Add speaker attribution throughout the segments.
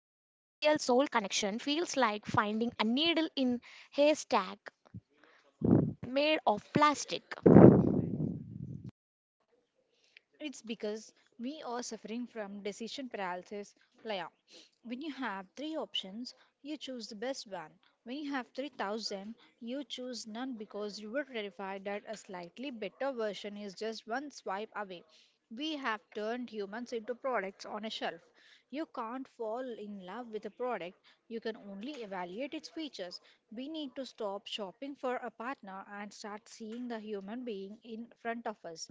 Speaker 1: soul connection feels like finding a needle in haystack made of plastic.
Speaker 2: It's because we are suffering from decision paralysis, Laya. When you have three options, you choose the best one. When you have 3,000, you choose none because you were terrified that a slightly better version is just one swipe away. We have turned humans into products on a shelf. You can't fall in love with a product, you can only evaluate its features. We need to stop shopping for a partner and start seeing the human being in front of us.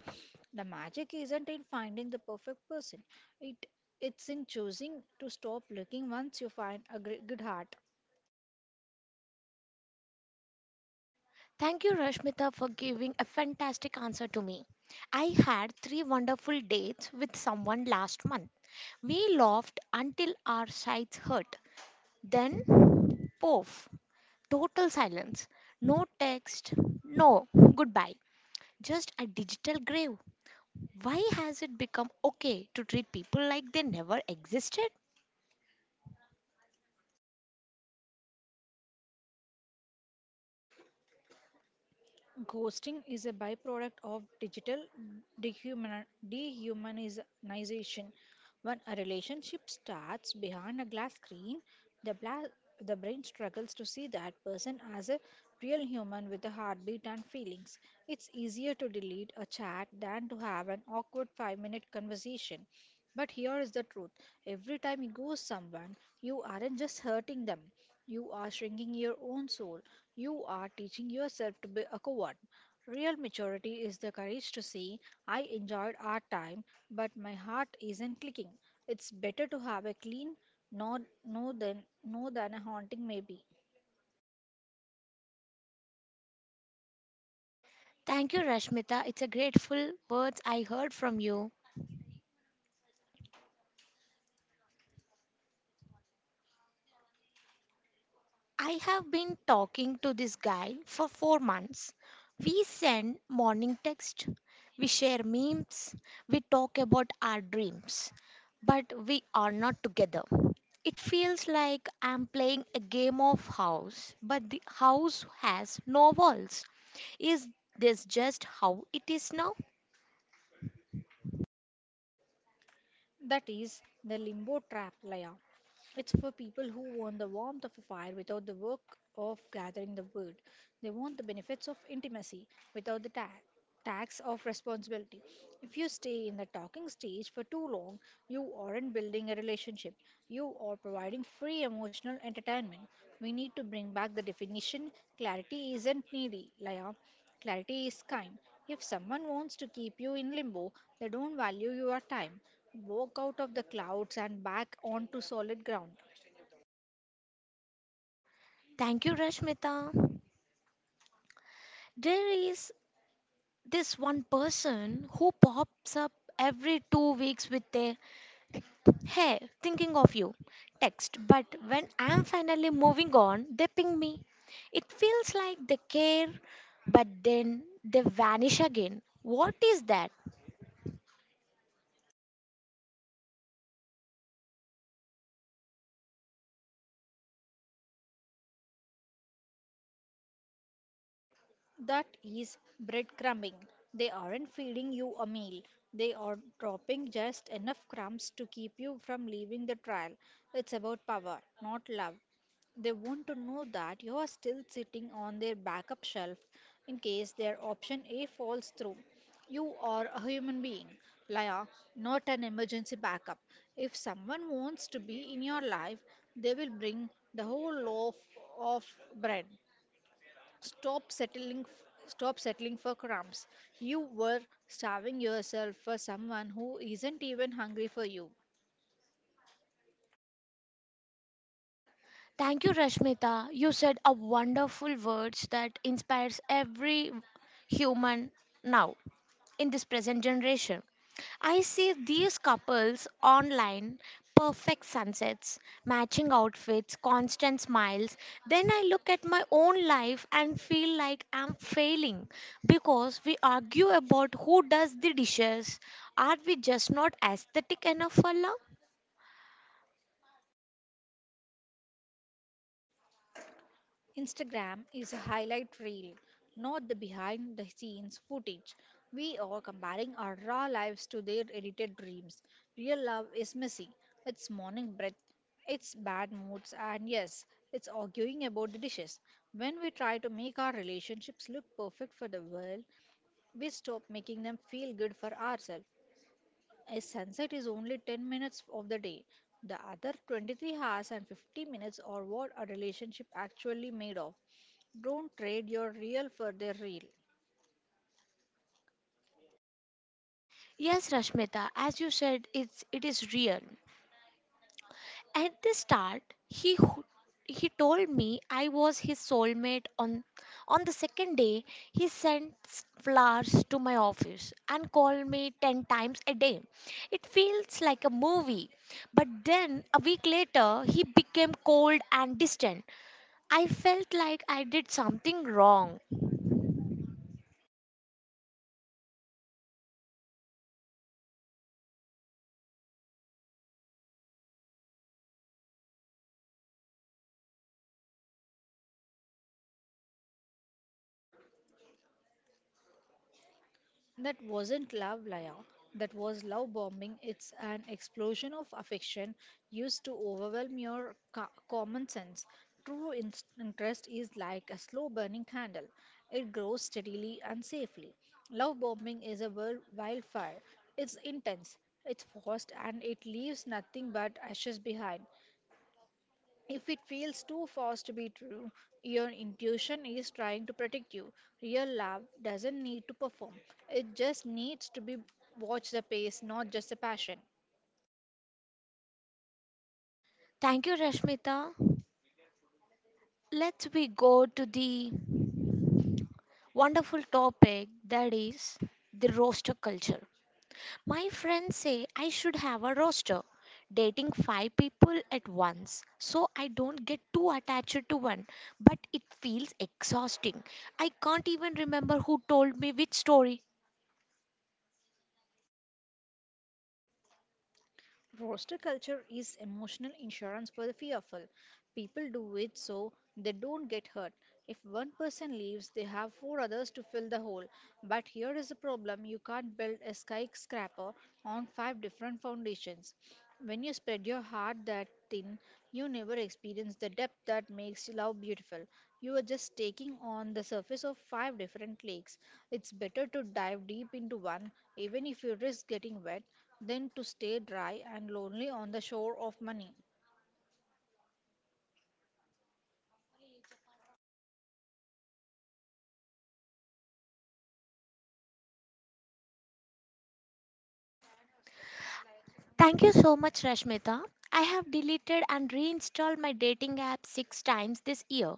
Speaker 2: The magic isn't in finding the perfect person. It it's in choosing to stop looking once you find a good heart.
Speaker 1: Thank you, Rashmita, for giving a fantastic answer to me. I had three wonderful dates with someone last month. We laughed until our sides hurt. Then, poof. Total silence. No text. No goodbye. Just a digital grave. Why has it become okay to treat people like they never existed?
Speaker 2: Ghosting is a byproduct of digital dehumani- dehumanization. When a relationship starts behind a glass screen, the, bla- the brain struggles to see that person as a real human with a heartbeat and feelings. It's easier to delete a chat than to have an awkward 5 minute conversation. But here is the truth: every time you ghost someone, you aren't just hurting them, you are shrinking your own soul. You are teaching yourself to be a coward. Real maturity is the courage to say, I enjoyed our time, but my heart isn't clicking. It's better to have a clean no, no than a haunting maybe.
Speaker 1: Thank you, Rashmita. It's a grateful words I heard from you. I have been talking to this guy for 4 months. We send morning text, we share memes, we talk about our dreams, but we are not together. It feels like I'm playing a game of house, but the house has no walls. Is this just how it is now?
Speaker 2: That is the limbo trap, Laya. It's for people who want the warmth of a fire without the work of gathering the wood. They want the benefits of intimacy without the tax of responsibility. If you stay in the talking stage for too long, you aren't building a relationship. You are providing free emotional entertainment. We need to bring back the definition. Clarity isn't needy, Laya. Clarity is kind. If someone wants to keep you in limbo, they don't value your time. Walk out of the clouds and back onto solid ground.
Speaker 1: Thank you, Rashmita. There is this one person who pops up every 2 weeks with a "Hey, thinking of you" text, but when I'm finally moving on, they ping me. It feels like they care, but then they vanish again. What is that?
Speaker 2: That is breadcrumbing. They aren't feeding you a meal. They are dropping just enough crumbs to keep you from leaving the trial. It's about power, not love. They want to know that you are still sitting on their backup shelf in case their option A falls through. You are a human being, Laya, not an emergency backup. If someone wants to be in your life, they will bring the whole loaf of bread. Stop settling for crumbs. You were starving yourself for someone who isn't even hungry for you.
Speaker 1: Thank you, Rashmita. You said a wonderful words that inspires every human now in this present generation. I see these couples online, perfect sunsets, matching outfits, constant smiles. Then I look at my own life and feel like I'm failing because we argue about who does the dishes. Are we just not aesthetic enough for love?
Speaker 2: Instagram is a highlight reel, not the behind the scenes footage. We are comparing our raw lives to their edited dreams. Real love is messy. It's morning breath, it's bad moods, and yes, it's arguing about the dishes. When we try to make our relationships look perfect for the world, we stop making them feel good for ourselves. A sunset is only 10 minutes of the day. The other 23 hours and 50 minutes are what a relationship actually made of. Don't trade your real for their real.
Speaker 1: Yes, Rashmita, as you said, it is real. At the start, he ho- he told me I was his soulmate. On the second day, he sent flowers to my office and called me 10 times a day. It feels like a movie. But then a week later, he became cold and distant. I felt like I did something wrong.
Speaker 2: That wasn't love, Laya. That was love bombing. It's an explosion of affection used to overwhelm your common sense. True interest is like a slow burning candle, it grows steadily and safely. Love bombing is a wildfire. It's intense, it's fast, and it leaves nothing but ashes behind. If it feels too fast to be true, your intuition is trying to protect you. Real love doesn't need to perform, it just needs to be. Watch the pace, not just the passion.
Speaker 1: Thank you, Rashmita. Let's we go to the wonderful topic, that is the roaster culture. My friends say I should have a roster, dating five people at once, so I don't get too attached to one. But it feels exhausting. I can't even remember who told me which story.
Speaker 2: Roster culture is emotional insurance for the fearful. People do it so they don't get hurt. If one person leaves, they have four others to fill the hole. But here is the problem: you can't build a skyscraper on five different foundations. When you spread your heart that thin, you never experience the depth that makes love beautiful. You are just taking on the surface of five different lakes. It's better to dive deep into one, even if you risk getting wet, than to stay dry and lonely on the shore of money.
Speaker 1: Thank you so much, Rashmita. I have deleted and reinstalled my dating app six times this year.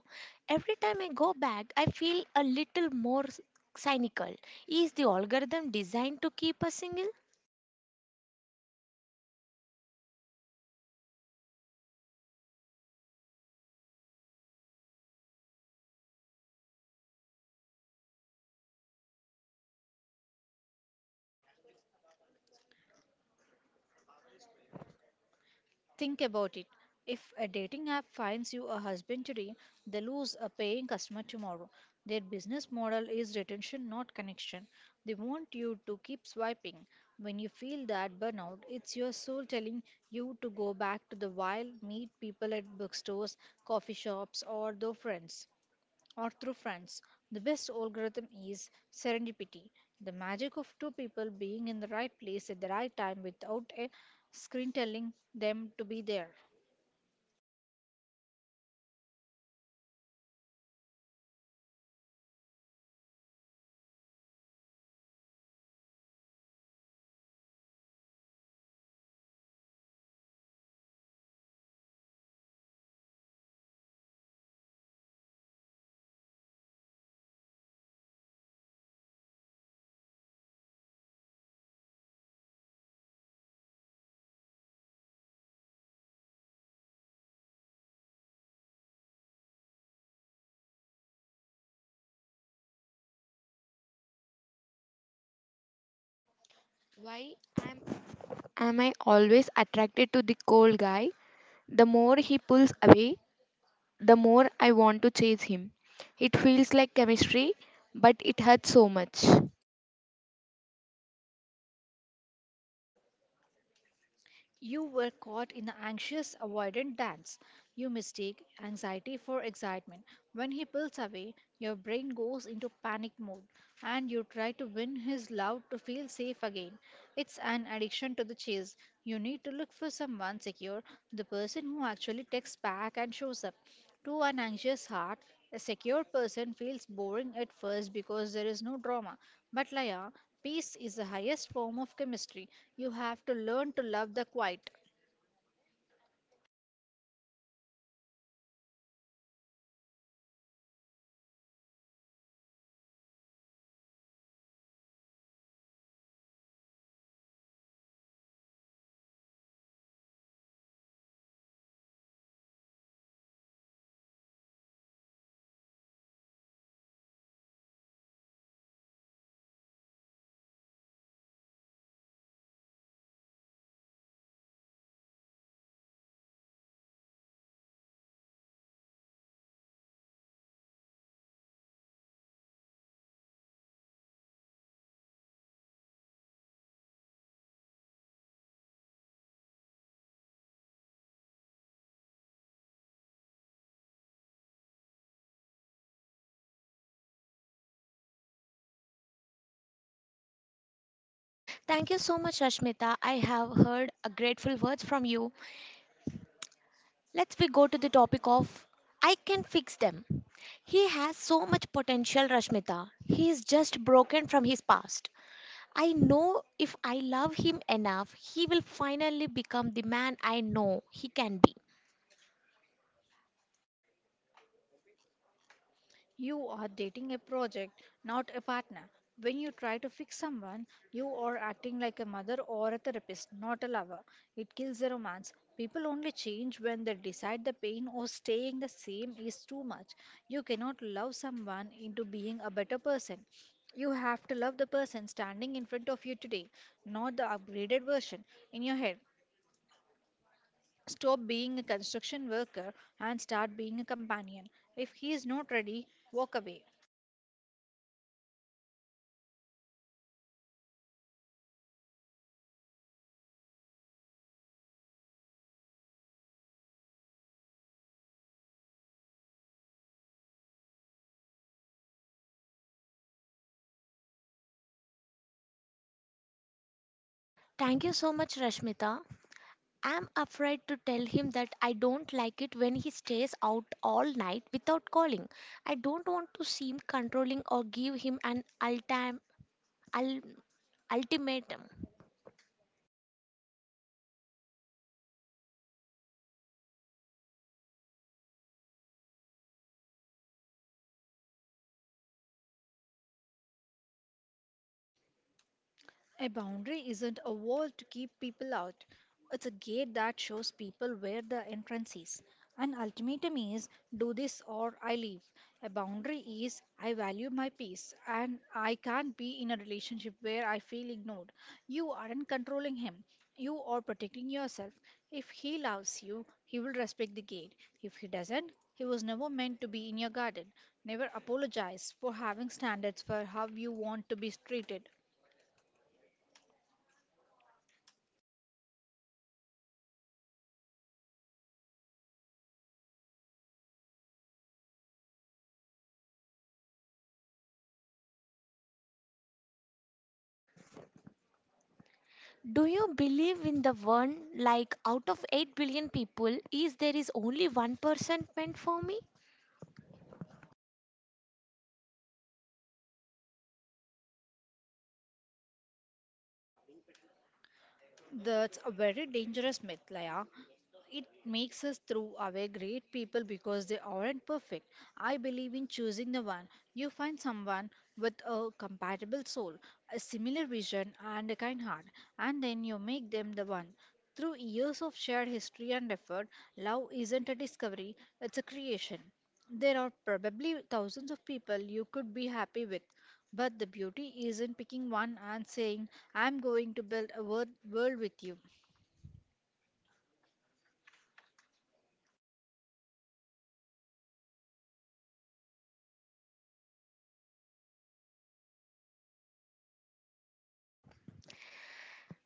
Speaker 1: Every time I go back, I feel a little more cynical. Is the algorithm designed to keep us single?
Speaker 2: Think about it. If a dating app finds you a husband today, they lose a paying customer tomorrow. Their business model is retention, not connection. They want you to keep swiping. When you feel that burnout, it's your soul telling you to go back to the wild, meet people at bookstores, coffee shops, or their friends. Or through friends. The best algorithm is serendipity, the magic of two people being in the right place at the right time without a screen telling them to be there.
Speaker 1: Why am, am I always attracted to the cold guy? The more he pulls away, the more I want to chase him. It feels like chemistry, but it hurts so much.
Speaker 2: You were caught in the anxious avoidant dance. You mistake anxiety for excitement. When he pulls away, your brain goes into panic mode and you try to win his love to feel safe again. It's an addiction to the chase. You need to look for someone secure, the person who actually texts back and shows up. To an anxious heart, a secure person feels boring at first because there is no drama. But, Laya, peace is the highest form of chemistry. You have to learn to love the quiet.
Speaker 1: Thank you so much, Rashmita. I have heard a grateful words from you. Let's we go to the topic of "I can fix them." He has so much potential, Rashmita. He is just broken from his past. I know if I love him enough, he will finally become the man I know he can be.
Speaker 2: You are dating a project, not a partner. When you try to fix someone, you are acting like a mother or a therapist, not a lover. It kills the romance. People only change when they decide the pain or staying the same is too much. You cannot love someone into being a better person. You have to love the person standing in front of you today, not the upgraded version in your head. Stop being a construction worker and start being a companion. If he is not ready, walk away.
Speaker 1: Thank you so much, Rashmita. I'm afraid to tell him that I don't like it when he stays out all night without calling. I don't want to seem controlling or give him an ul- ultimatum.
Speaker 2: A boundary isn't a wall to keep people out. It's a gate that shows people where the entrance is. An ultimatum is, do this or I leave. A boundary is, I value my peace and I can't be in a relationship where I feel ignored. You aren't controlling him. You are protecting yourself. If he loves you, he will respect the gate. If he doesn't, he was never meant to be in your garden. Never apologize for having standards for how you want to be treated.
Speaker 1: Do you believe in the one, like, out of 8 billion people, is there is only one person meant for me?
Speaker 2: That's a very dangerous myth, Laya. It makes us throw away great people because they aren't perfect. I believe in choosing the one. You find someone with a compatible soul, a similar vision, and a kind heart, and then you make them the one. Through years of shared history and effort, love isn't a discovery, it's a creation. There are probably thousands of people you could be happy with, but the beauty is in picking one and saying, I'm going to build a world with you.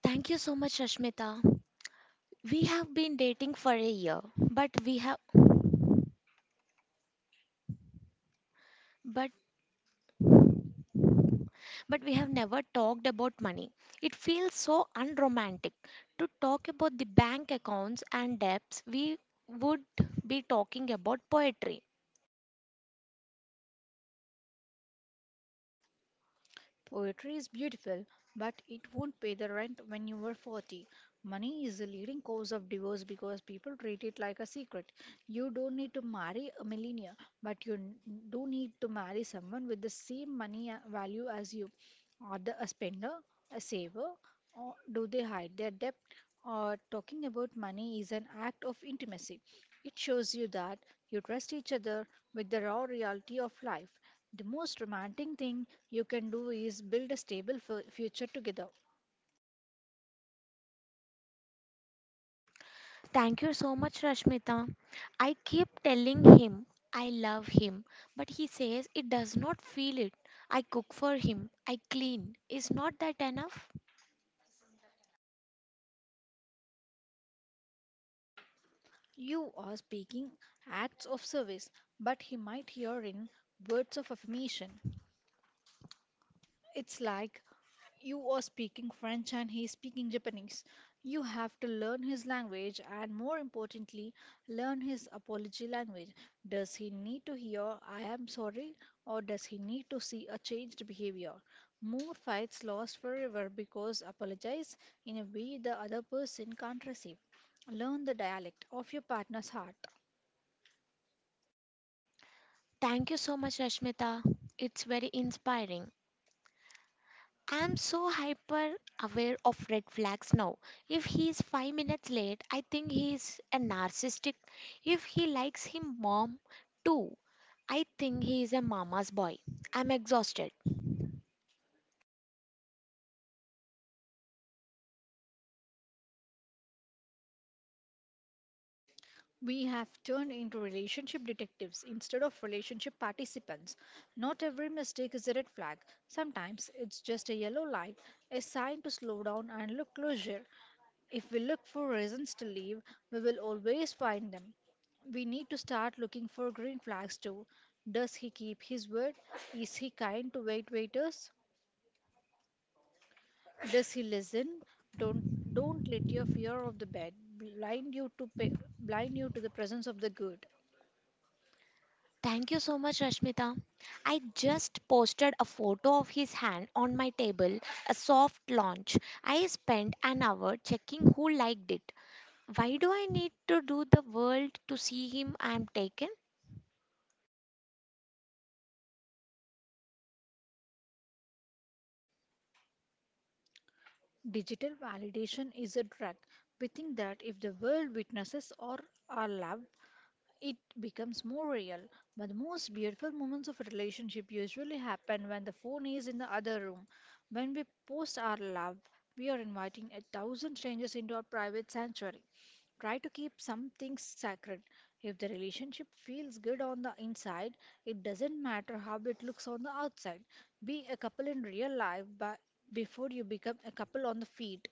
Speaker 1: Thank you so much, Rashmita. We have been dating for a year, but we have but but we have never talked about money. It feels so unromantic to talk about the bank accounts and debts. We would be talking about poetry.
Speaker 2: Poetry is beautiful, but it won't pay the rent when you are 40. Money is the leading cause of divorce because people treat it like a secret. You don't need to marry a millionaire, but you do need to marry someone with the same money value as you. Are they a spender, a saver, or do they hide their debt? Or talking about money is an act of intimacy. It shows you that you trust each other with the raw reality of life. The most romantic thing you can do is build a stable future together.
Speaker 1: Thank you so much, Rashmita. I keep telling him I love him, but he says it does not feel it. I cook for him, I clean. Is not that enough?
Speaker 2: You are speaking acts of service, but he might hear in words of affirmation. It's like, you are speaking French and he is speaking Japanese. You have to learn his language and, more importantly, learn his apology language. Does he need to hear I am sorry or does he need to see a changed behavior? More fights lost forever because apologize in a way the other person can't receive. Learn the dialect of your partner's heart.
Speaker 1: Thank you so much, Rashmita. It's very inspiring. I'm so hyper aware of red flags now. If he is 5 minutes late, I think he is a narcissistic. If he likes him mom too, I think he is a mama's boy. I'm exhausted.
Speaker 2: We have turned into relationship detectives instead of relationship participants. Not every mistake is a red flag. Sometimes it's just a yellow light, a sign to slow down and look closer. If we look for reasons to leave, we will always find them. We need to start looking for green flags too. Does he keep his word? Is he kind to waiters? Does he listen? Don't don't let your fear of the bad blind you to pa blind you to the presence of the good.
Speaker 1: Thank you so much, Rashmita. I just posted a photo of his hand on my table, a soft launch. I spent an hour checking who liked it. Why do I need to do the world to see him? I'm taken.
Speaker 2: Digital validation is a drug. We think that if the world witnesses or our lab it becomes more real. But the most beautiful moments of a relationship usually happen when the phone is in the other room. When we post our love, we are inviting 1,000 strangers into our private sanctuary. Try to keep some things sacred. If the relationship feels good on the inside, it doesn't matter how it looks on the outside. Be a couple in real life but before you become a couple on the feed.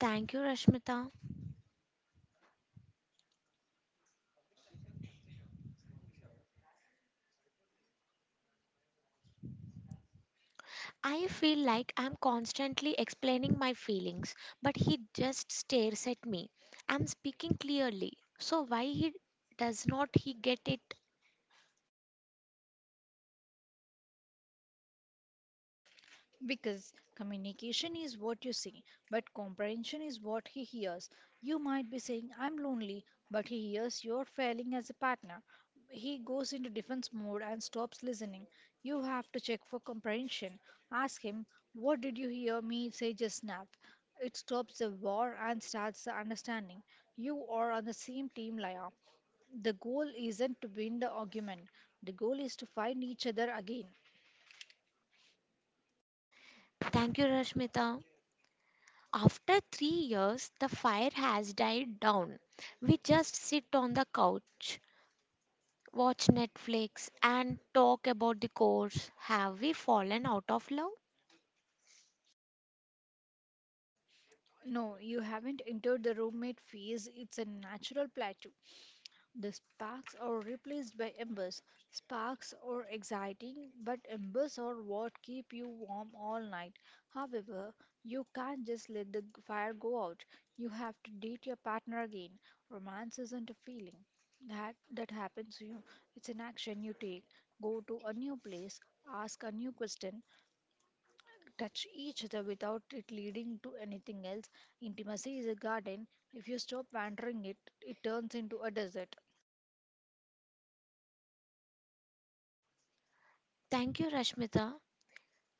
Speaker 1: Thank you, Rashmita. I feel like I'm constantly explaining my feelings, but he just stares at me. I'm speaking clearly. So why he does not he get it?
Speaker 2: Because communication is what you see, but comprehension is what he hears. You might be saying, I'm lonely, but he hears you're failing as a partner. He goes into defense mode and stops listening. You have to check for comprehension. Ask him, what did you hear me say just now? It stops the war and starts the understanding. You are on the same team, Laya. The goal isn't to win the argument, the goal is to find each other again.
Speaker 1: Thank you, Rashmita. After 3 years, the fire has died down. We just sit on the couch, watch Netflix, and talk about the course. Have we fallen out of love?
Speaker 2: No, you haven't entered the roommate phase. It's a natural plateau. The sparks are replaced by embers. Sparks are exciting, but embers are what keep you warm all night. However, you can't just let the fire go out. You have to date your partner again. Romance isn't a feeling that happens to you. It's an action you take. Go to a new place, ask a new question, touch each other without it leading to anything else. Intimacy is a garden. If you stop watering it, it turns into a desert.
Speaker 1: Thank you, Rashmita.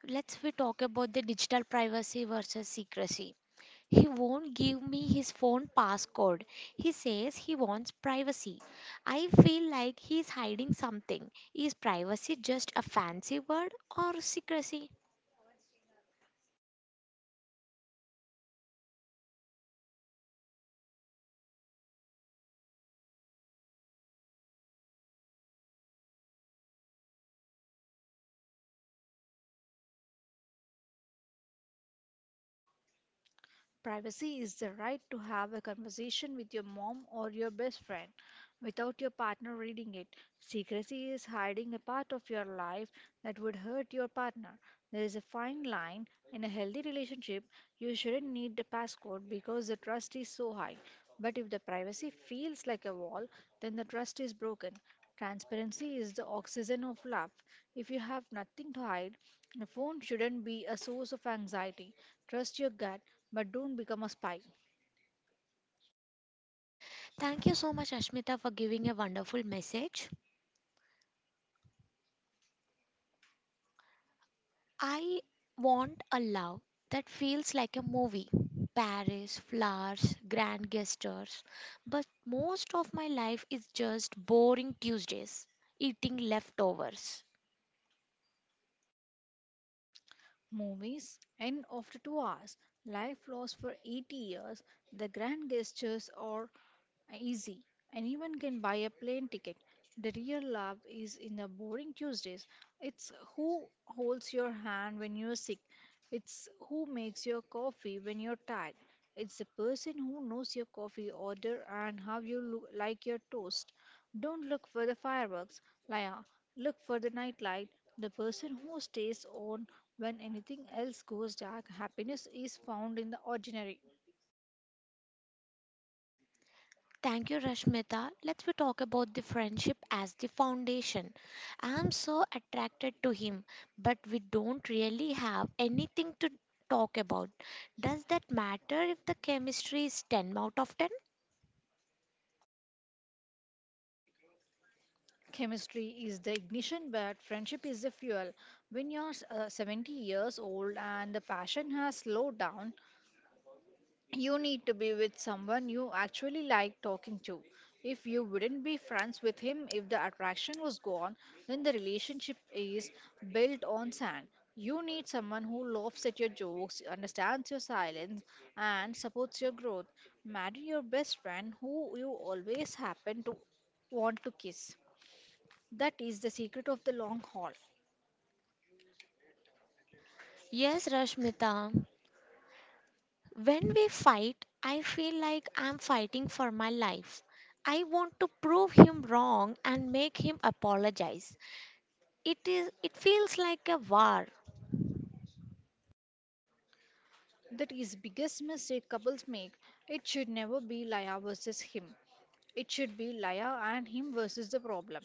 Speaker 1: Let's we talk about the digital privacy versus secrecy. He won't give me his phone passcode. He says he wants privacy. I feel like he's hiding something. Is privacy just a fancy word or secrecy?
Speaker 2: Privacy is the right to have a conversation with your mom or your best friend without your partner reading it. Secrecy is hiding a part of your life that would hurt your partner. There is a fine line. In a healthy relationship, you shouldn't need a passcode because the trust is so high. But if the privacy feels like a wall, then the trust is broken. Transparency is the oxygen of love. If you have nothing to hide, a phone shouldn't be a source of anxiety. Trust your gut, but don't become a spy.
Speaker 1: Thank you so much, Ashmita, for giving a wonderful message. I want a love that feels like a movie. Paris, flowers, grand gestures. But most of my life is just boring Tuesdays, eating leftovers.
Speaker 2: Movies end after 2 hours. Life lasts for 80 years. The grand gestures are easy. Anyone can buy a plane ticket. The real love is in the boring Tuesdays. It's who holds your hand when you're sick. It's who makes your coffee when you're tired. It's the person who knows your coffee order and how you like your toast. Don't look for the fireworks, Laya. Look for the nightlight. The person who stays on when anything else goes dark. Happiness is found in the ordinary.
Speaker 1: Thank you, Rashmita. Let's we talk about the friendship as the foundation. I am so attracted to him, but we don't really have anything to talk about. Does that matter if the chemistry is 10 out of 10?
Speaker 2: Chemistry is the ignition, but friendship is the fuel. When you're 70 years old and the passion has slowed down, you need to be with someone you actually like talking to. If you wouldn't be friends with him if the attraction was gone, then the relationship is built on sand. You need someone who laughs at your jokes, understands your silence, and supports your growth. Marry your best friend who you always happen to want to kiss. That is the secret of the long haul.
Speaker 1: Yes, Rashmita. When we fight, I feel like I'm fighting for my life. I want to prove him wrong and make him apologize. It feels like a war.
Speaker 2: That is biggest mistake couples make. It should never be Laya versus him. It should be Laya and him versus the problem.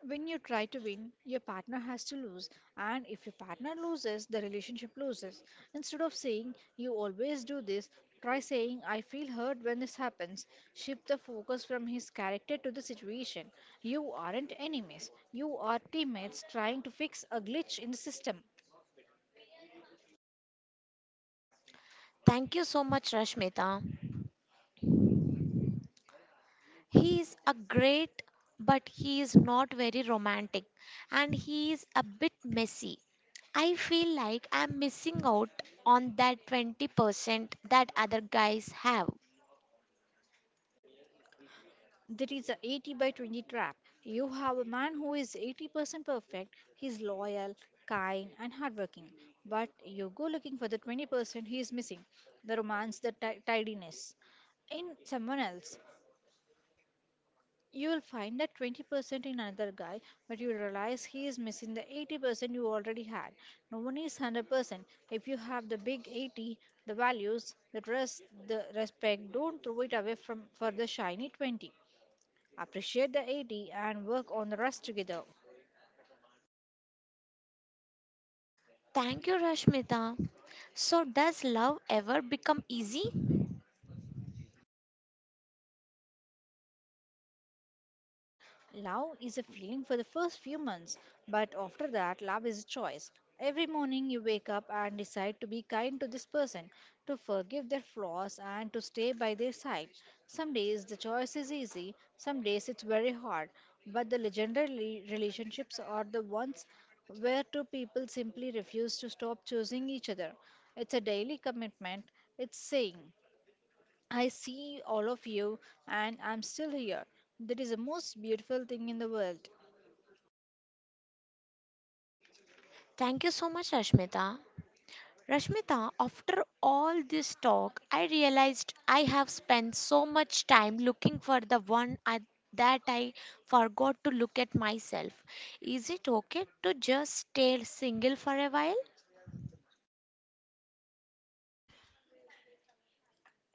Speaker 2: When you try to win, your partner has to lose, and if your partner loses, the relationship loses. Instead of saying you always do this, try saying I feel hurt when this happens. Shift the focus from his character to the situation. You aren't enemies. You are teammates trying to fix a glitch in the system.
Speaker 1: Thank you so much, Rashmita. He is a great, but he is not very romantic and he is a bit messy. I feel like I'm missing out on that 20% that other guys have.
Speaker 2: There is a 80 by 20 trap. You have a man who is 80% perfect, he's loyal, kind, and hardworking. But you go looking for the 20% he is missing, the romance, the tidiness. In someone else, you will find that 20% in another guy, but you will realize he is missing the 80% you already had. No one is 100%. If you have the big 80, the values, the trust, the respect, don't throw it away for the shiny 20, appreciate the 80 and work on the rest together.
Speaker 1: Thank you, Rashmita. So, does love ever become easy?
Speaker 2: Love is a feeling for the first few months, but after that, love is a choice. Every morning you wake up and decide to be kind to this person, to forgive their flaws, and to stay by their side. Some days the choice is easy, some days it's very hard, but the legendary relationships are the ones where two people simply refuse to stop choosing each other. It's a daily commitment, it's saying, I see all of you, and I'm still here. That is the most beautiful thing in the world.
Speaker 1: Thank you so much, Rashmita. Rashmita, after all this talk, I realized I have spent so much time looking for the one that I forgot to look at myself. Is it okay to just stay single for a while?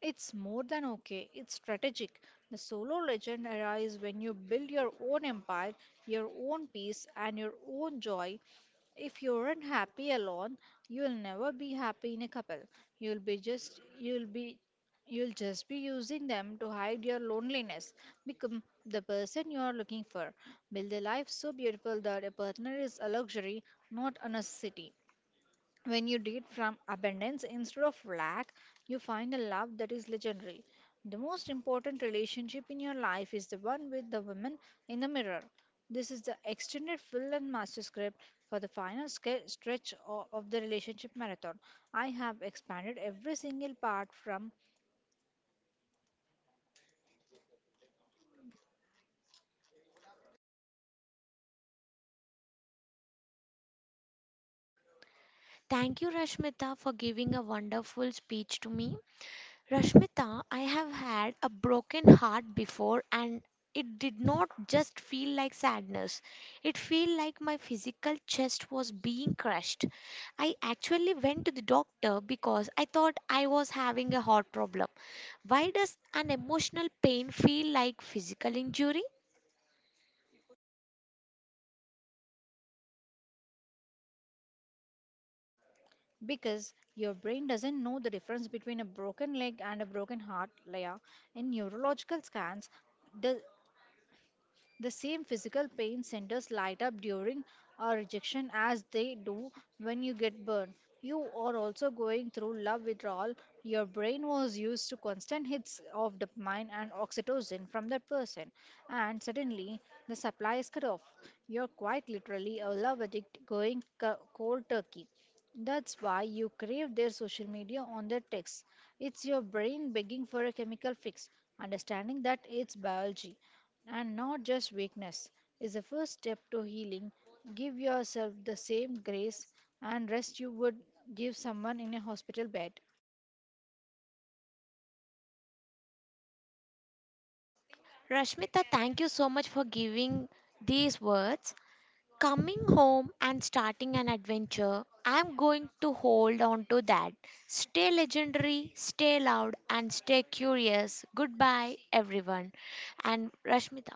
Speaker 2: It's more than okay, it's strategic. The solo legend era is when you build your own empire, your own peace, and your own joy. If you're not happy alone, you'll never be happy in a couple. You'll be just you'll be you'll just be using them to hide your loneliness. Become the person you are looking for. Build a life so beautiful that a partner is a luxury, not a necessity. When you date from abundance instead of lack, you find a love that is legendary. The most important relationship in your life is the one with the woman in the mirror. This is the extended fill and master script for the final stretch of the relationship marathon. I have expanded every single part from
Speaker 1: Thank you, Rashmita, for giving a wonderful speech to me. Rashmita, I have had a broken heart before and it did not just feel like sadness. It felt like my physical chest was being crushed. I actually went to the doctor because I thought I was having a heart problem. Why does an emotional pain feel like physical injury?
Speaker 2: because your brain doesn't know the difference between a broken leg and a broken heart, Leah. In neurological scans, the The same physical pain centers light up during a rejection as they do when you get burned. You are also going through love withdrawal. Your brain was used to constant hits of dopamine and oxytocin from that person, and suddenly the supply is cut off. You're quite literally a love addict going cold turkey. That's why you crave their social media on their texts. It's your brain begging for a chemical fix, understanding that it's biology and not just weakness, is the first step to healing. Give yourself the same grace and rest you would give someone in a hospital bed.
Speaker 1: Rashmita, thank you so much for giving these words. Coming home and starting an adventure, I'm going to hold on to that. Stay legendary, stay loud, and stay curious. Goodbye, everyone. And Rashmita.